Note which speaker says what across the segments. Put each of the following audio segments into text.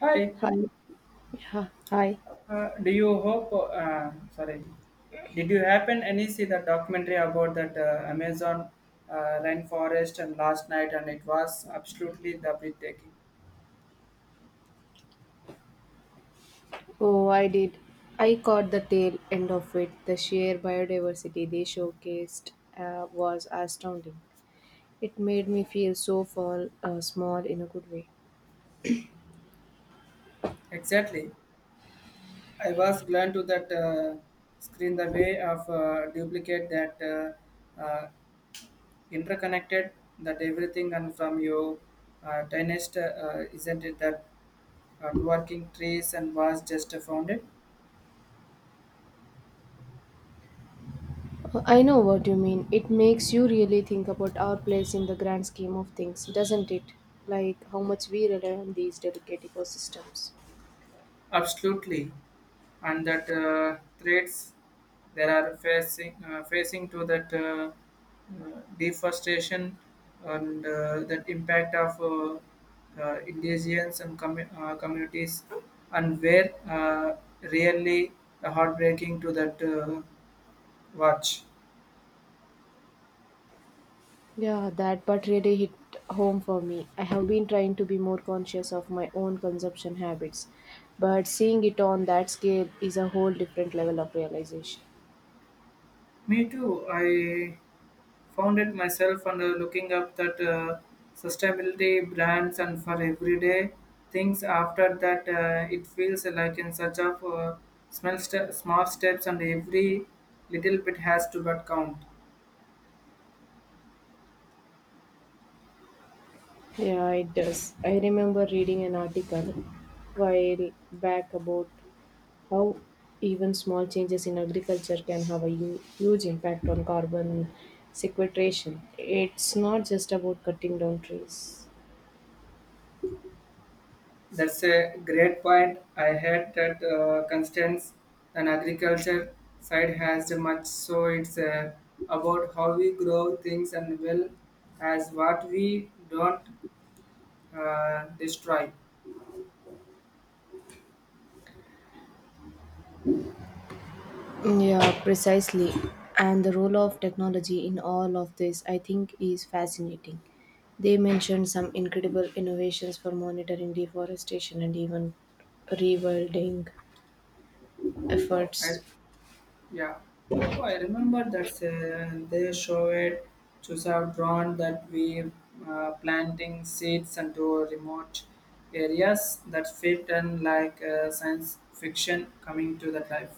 Speaker 1: Hi,
Speaker 2: Hi. Yeah, hi.
Speaker 1: do you hope? Sorry, did you happen any see the documentary about that Amazon rainforest and last night? And it was absolutely the breathtaking.
Speaker 2: Oh, I did. I caught the tail end of it. The sheer biodiversity they showcased was astounding. It made me feel so small in a good way.
Speaker 1: Exactly, I was glad to that screen the way of duplicate that uh, uh, interconnected that everything and from your tiniest isn't it that working trees and was just found it
Speaker 2: I know what you mean. It makes you really think about our place in the grand scheme of things, doesn't it? Like how much we rely on these delicate ecosystems.
Speaker 1: absolutely. And that threats they are facing facing to that deforestation and that impact of indigenous and communities and where really heartbreaking to that watch.
Speaker 2: Yeah, that part really hit home for me. I have been trying to be more conscious of my own consumption habits, but seeing it on that scale is a whole different level of realization.
Speaker 1: Me too. I found it myself and looking up that sustainability brands and for everyday things. After that, it feels like in such of small steps, and every little bit has to but count.
Speaker 2: Yeah, it does. I remember reading an article while back about how even small changes in agriculture can have a huge impact on carbon sequestration. It's not just about cutting down trees.
Speaker 1: That's a great point. I heard that constraints and agriculture side has the much, so it's about how we grow things and well as what we don't destroy.
Speaker 2: Yeah, precisely. And the role of technology in all of this, I think, is fascinating. They mentioned some incredible innovations for monitoring deforestation and even rewilding
Speaker 1: Oh, I,
Speaker 2: efforts.
Speaker 1: Yeah. Oh, I remember that they show it to have drawn that we planting seeds into remote areas that fit and like science fiction coming to that life.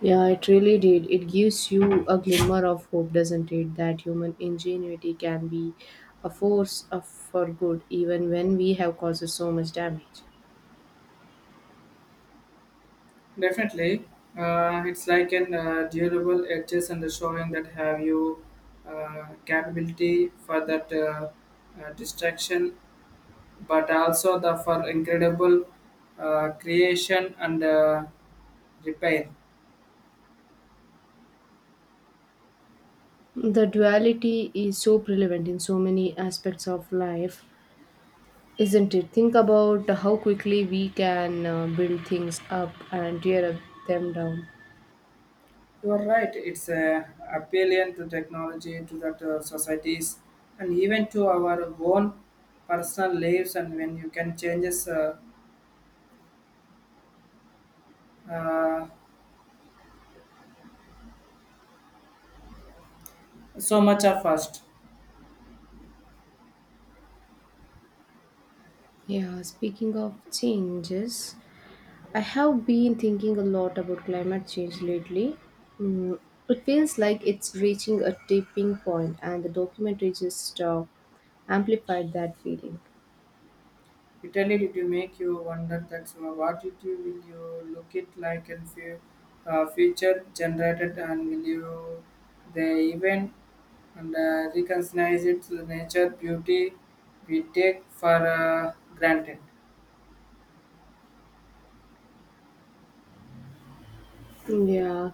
Speaker 2: Yeah, it really did. It gives you a glimmer of hope, doesn't it? That human ingenuity can be a for good, even when we have caused so much damage.
Speaker 1: Definitely, it's like an durable edges and showing that have you capability for that distraction, but also the for incredible creation and repair.
Speaker 2: The duality is so prevalent in so many aspects of life, isn't it? Think about how quickly we can build things up and tear up them down.
Speaker 1: You are right, it's appliant to technology, to that societies, and even to our own personal lives. And when you can changes uh, so much are fast,
Speaker 2: Yeah, speaking of changes, I have been thinking a lot about climate change lately. Mm, it feels like it's reaching a tipping point, and the documentary just amplified that feeling.
Speaker 1: it really did make you wonder that so what it you will you look it like in few future generated, and will you they even and recognize its nature beauty we take for granted.
Speaker 2: Yeah,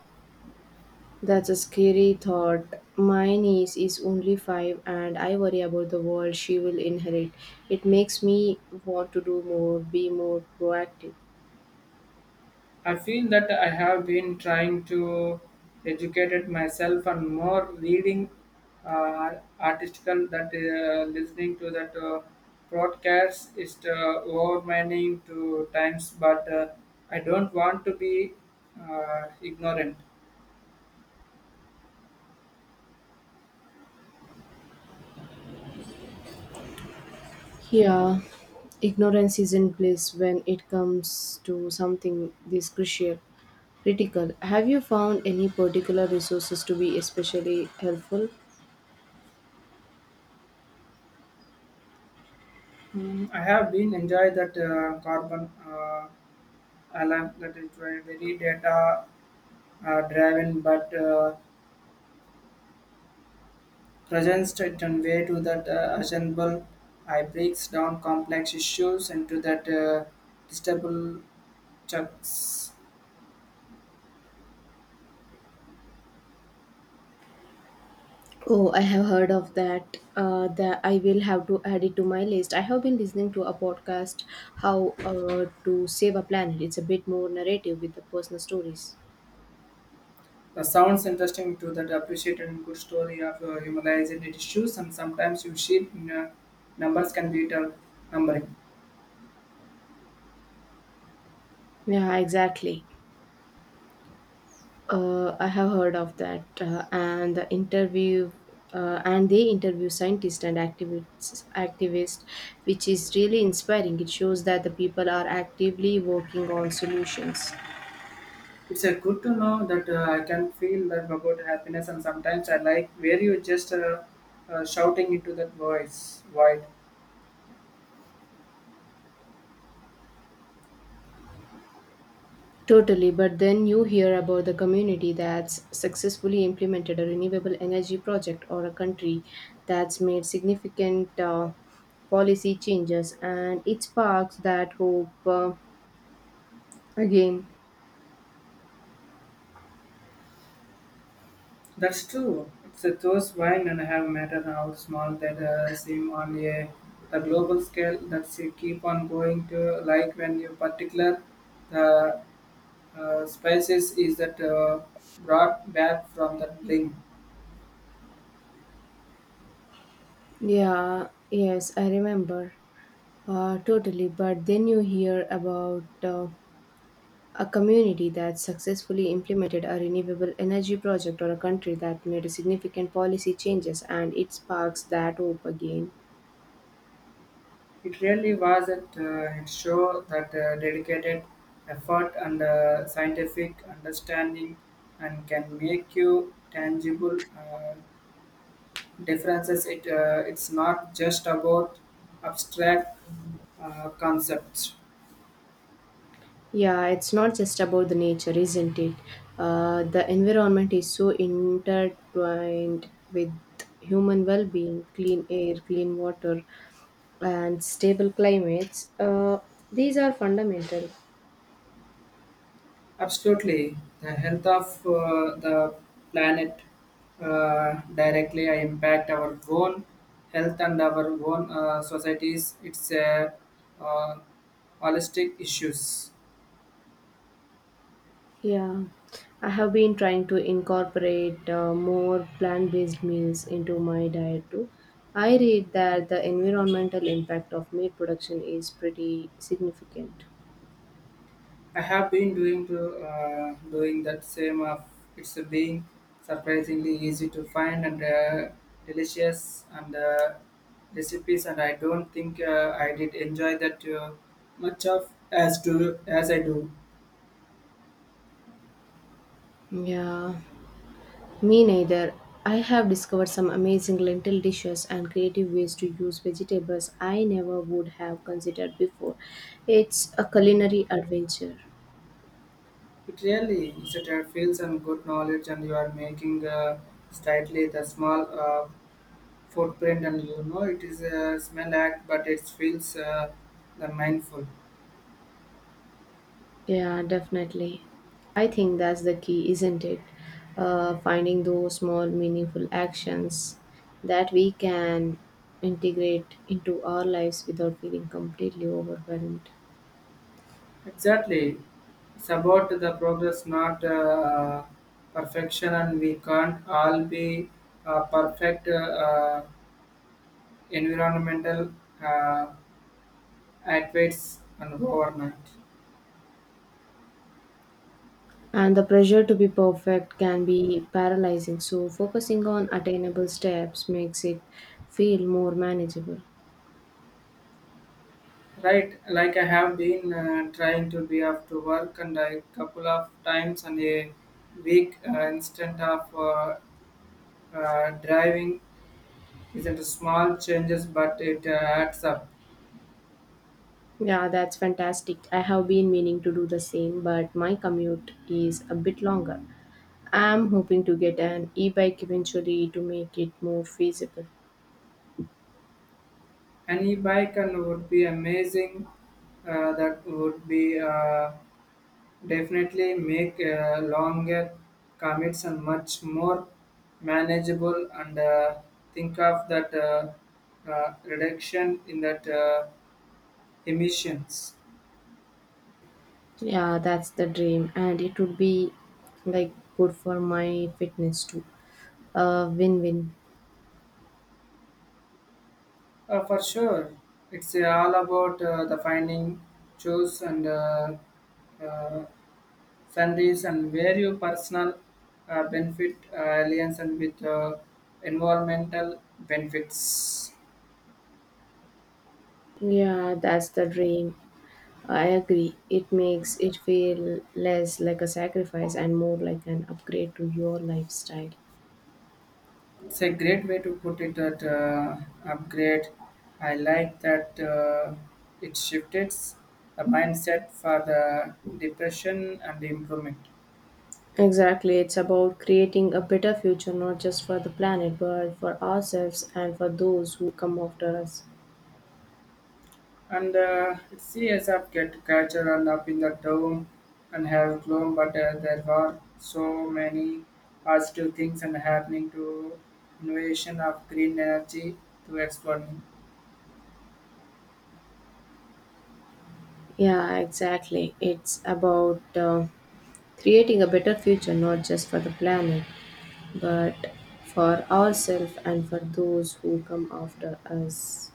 Speaker 2: that's a scary thought. My niece is only five, and I worry about the world she will inherit. It makes me want to do more, be more proactive.
Speaker 1: I feel that I have been trying to educate myself and more reading article that listening to that broadcast is overwhelming to times, but I don't want to be ignorant.
Speaker 2: Yeah, ignorance isn't bliss when it comes to something this crucial. Critical. Have you found any particular resources to be especially helpful?
Speaker 1: I have been enjoy that carbon alarm that is very data driven, but presents certain way to that assemble. I breaks down complex issues into that distable chunks.
Speaker 2: Oh, I have heard of that. That I will have to add it to my list. I have been listening to a podcast, "How to Save a Planet." It's a bit more narrative with the personal stories.
Speaker 1: The sounds interesting to that appreciated and good story of humanizing issues, and sometimes you see in, numbers can be done numbering.
Speaker 2: Yeah, exactly. I have heard of that, and the interview, and they interview scientists and activists, which is really inspiring. It shows that the people are actively working on solutions.
Speaker 1: It's good to know that I can feel that about happiness, and sometimes I like where you just shouting into that voice void.
Speaker 2: Totally, but then you hear about the community that's successfully implemented a renewable energy project or a country that's made significant policy changes and it sparks that hope again.
Speaker 1: That's true. It's a those wine and have matter how small that seem on a the global scale that's you keep on going to like when you particular the spices is that brought back from the link.
Speaker 2: Yeah, yes, I remember. Totally, but then you hear about a community that successfully implemented a renewable energy project or a country that made significant policy changes and it sparks that hope again.
Speaker 1: It really was that it show that dedicated effort and scientific understanding and can make you tangible. Differences it it's not just about abstract concepts.
Speaker 2: Yeah, it's not just about the nature, isn't it? The environment is so intertwined with human well being, clean air, clean water, and stable climates. These are fundamental.
Speaker 1: Absolutely the health of the planet directly impact our own health and our own societies. It's a uh, holistic issues.
Speaker 2: Yeah, I have been trying to incorporate more plant based meals into my diet too. I read that the environmental impact of meat production is pretty significant.
Speaker 1: I have been doing to doing that same. Of it's being surprisingly easy to find and delicious and recipes. And I don't think I did enjoy that much of as to as I do.
Speaker 2: Yeah, me neither. I have discovered some amazing lentil dishes and creative ways to use vegetables I never would have considered before. It's a culinary adventure.
Speaker 1: It really is a trade feels and good knowledge, and you are making slightly the small footprint, and you know it is a smell act, but it feels the mindful.
Speaker 2: Yeah, definitely. I think that's the key, isn't it? Finding those small, meaningful actions that we can integrate into our lives without feeling completely overwhelmed.
Speaker 1: Exactly. It's about the progress, not perfection, and we can't all be perfect environmental uh, athletes and overnight.
Speaker 2: And the pressure to be perfect can be paralyzing, so focusing on attainable steps makes it feel more manageable.
Speaker 1: Right, like I have been trying to be off to work and a couple of times and a week instead of driving isn't small changes, but it adds up.
Speaker 2: Yeah, that's fantastic. I have been meaning to do the same, but my commute is a bit longer. I'm hoping to get an e bike eventually to make it more feasible.
Speaker 1: Any bike and would be amazing. That would be definitely make longer commutes and much more manageable. And think of that reduction in that emissions.
Speaker 2: Yeah, that's the dream, and it would be like good for my fitness too. A win win.
Speaker 1: For sure, it's all about the finding, choose and. Uh, Sundays and where you personal benefit alliance and with environmental benefits.
Speaker 2: Yeah, that's the dream. I agree. It makes it feel less like a sacrifice and more like an upgrade to your lifestyle.
Speaker 1: It's a great way to put it that upgrade. I like that it shifted the mindset for the depression and the improvement.
Speaker 2: Exactly. It's about creating a better future, not just for the planet, but for ourselves and for those who come after us.
Speaker 1: And it's serious up get culture and up in the town and have grown, but there were so many positive things and happening to innovation of green energy to exploring.
Speaker 2: Yeah, exactly. It's about creating a better future, not just for the planet, but for ourselves and for those who come after us.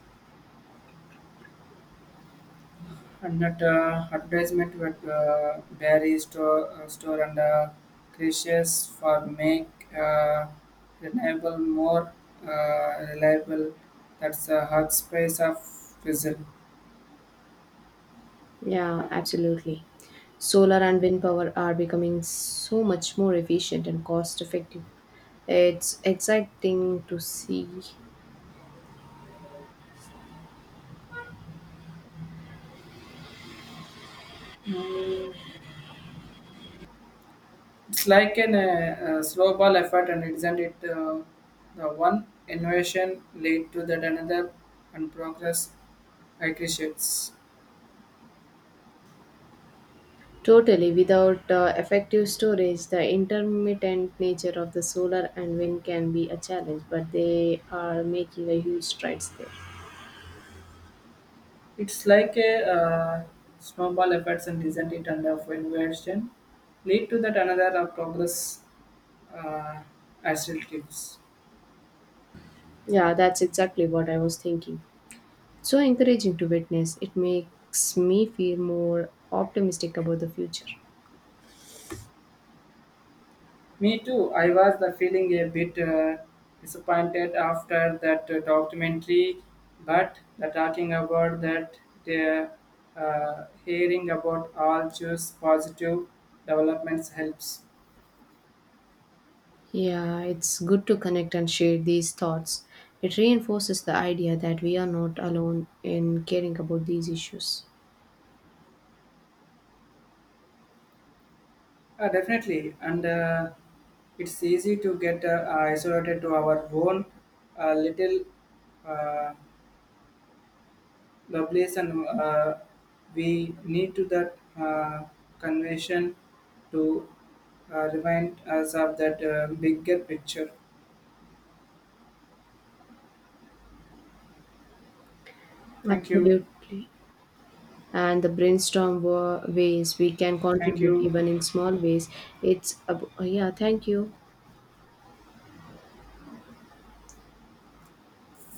Speaker 1: And that advertisement with berry store, store and creations for make uh, renewable more reliable. That's a hot space of fizzle.
Speaker 2: Yeah, absolutely. Solar and wind power are becoming so much more efficient and cost effective. It's exciting to see.
Speaker 1: Mm. It's like an slow ball effort, and isn't it the one innovation lead to that another and progress accretes?
Speaker 2: Totally, without effective storage, the intermittent nature of the solar and wind can be a challenge, but they are making a huge strides there.
Speaker 1: It's like a snowball effect, and isn't it and of innovation lead to that another of progress uh, accelerates.
Speaker 2: Yeah, that's exactly what I was thinking. So encouraging to witness. It makes me feel more optimistic about the future.
Speaker 1: Me too. I was the feeling a bit disappointed after that documentary, but the talking about that, the hearing about all those positive developments helps.
Speaker 2: Yeah, it's good to connect and share these thoughts. It reinforces the idea that we are not alone in caring about these issues.
Speaker 1: Definitely, and it's easy to get isolated to our own little uh, Lovelace and we need to that convention to remind us of that bigger picture. Thank you.
Speaker 2: Absolutely. And the brainstorm ways we can
Speaker 1: Thank
Speaker 2: contribute,
Speaker 1: you.
Speaker 2: even in small ways. It's, yeah, thank you.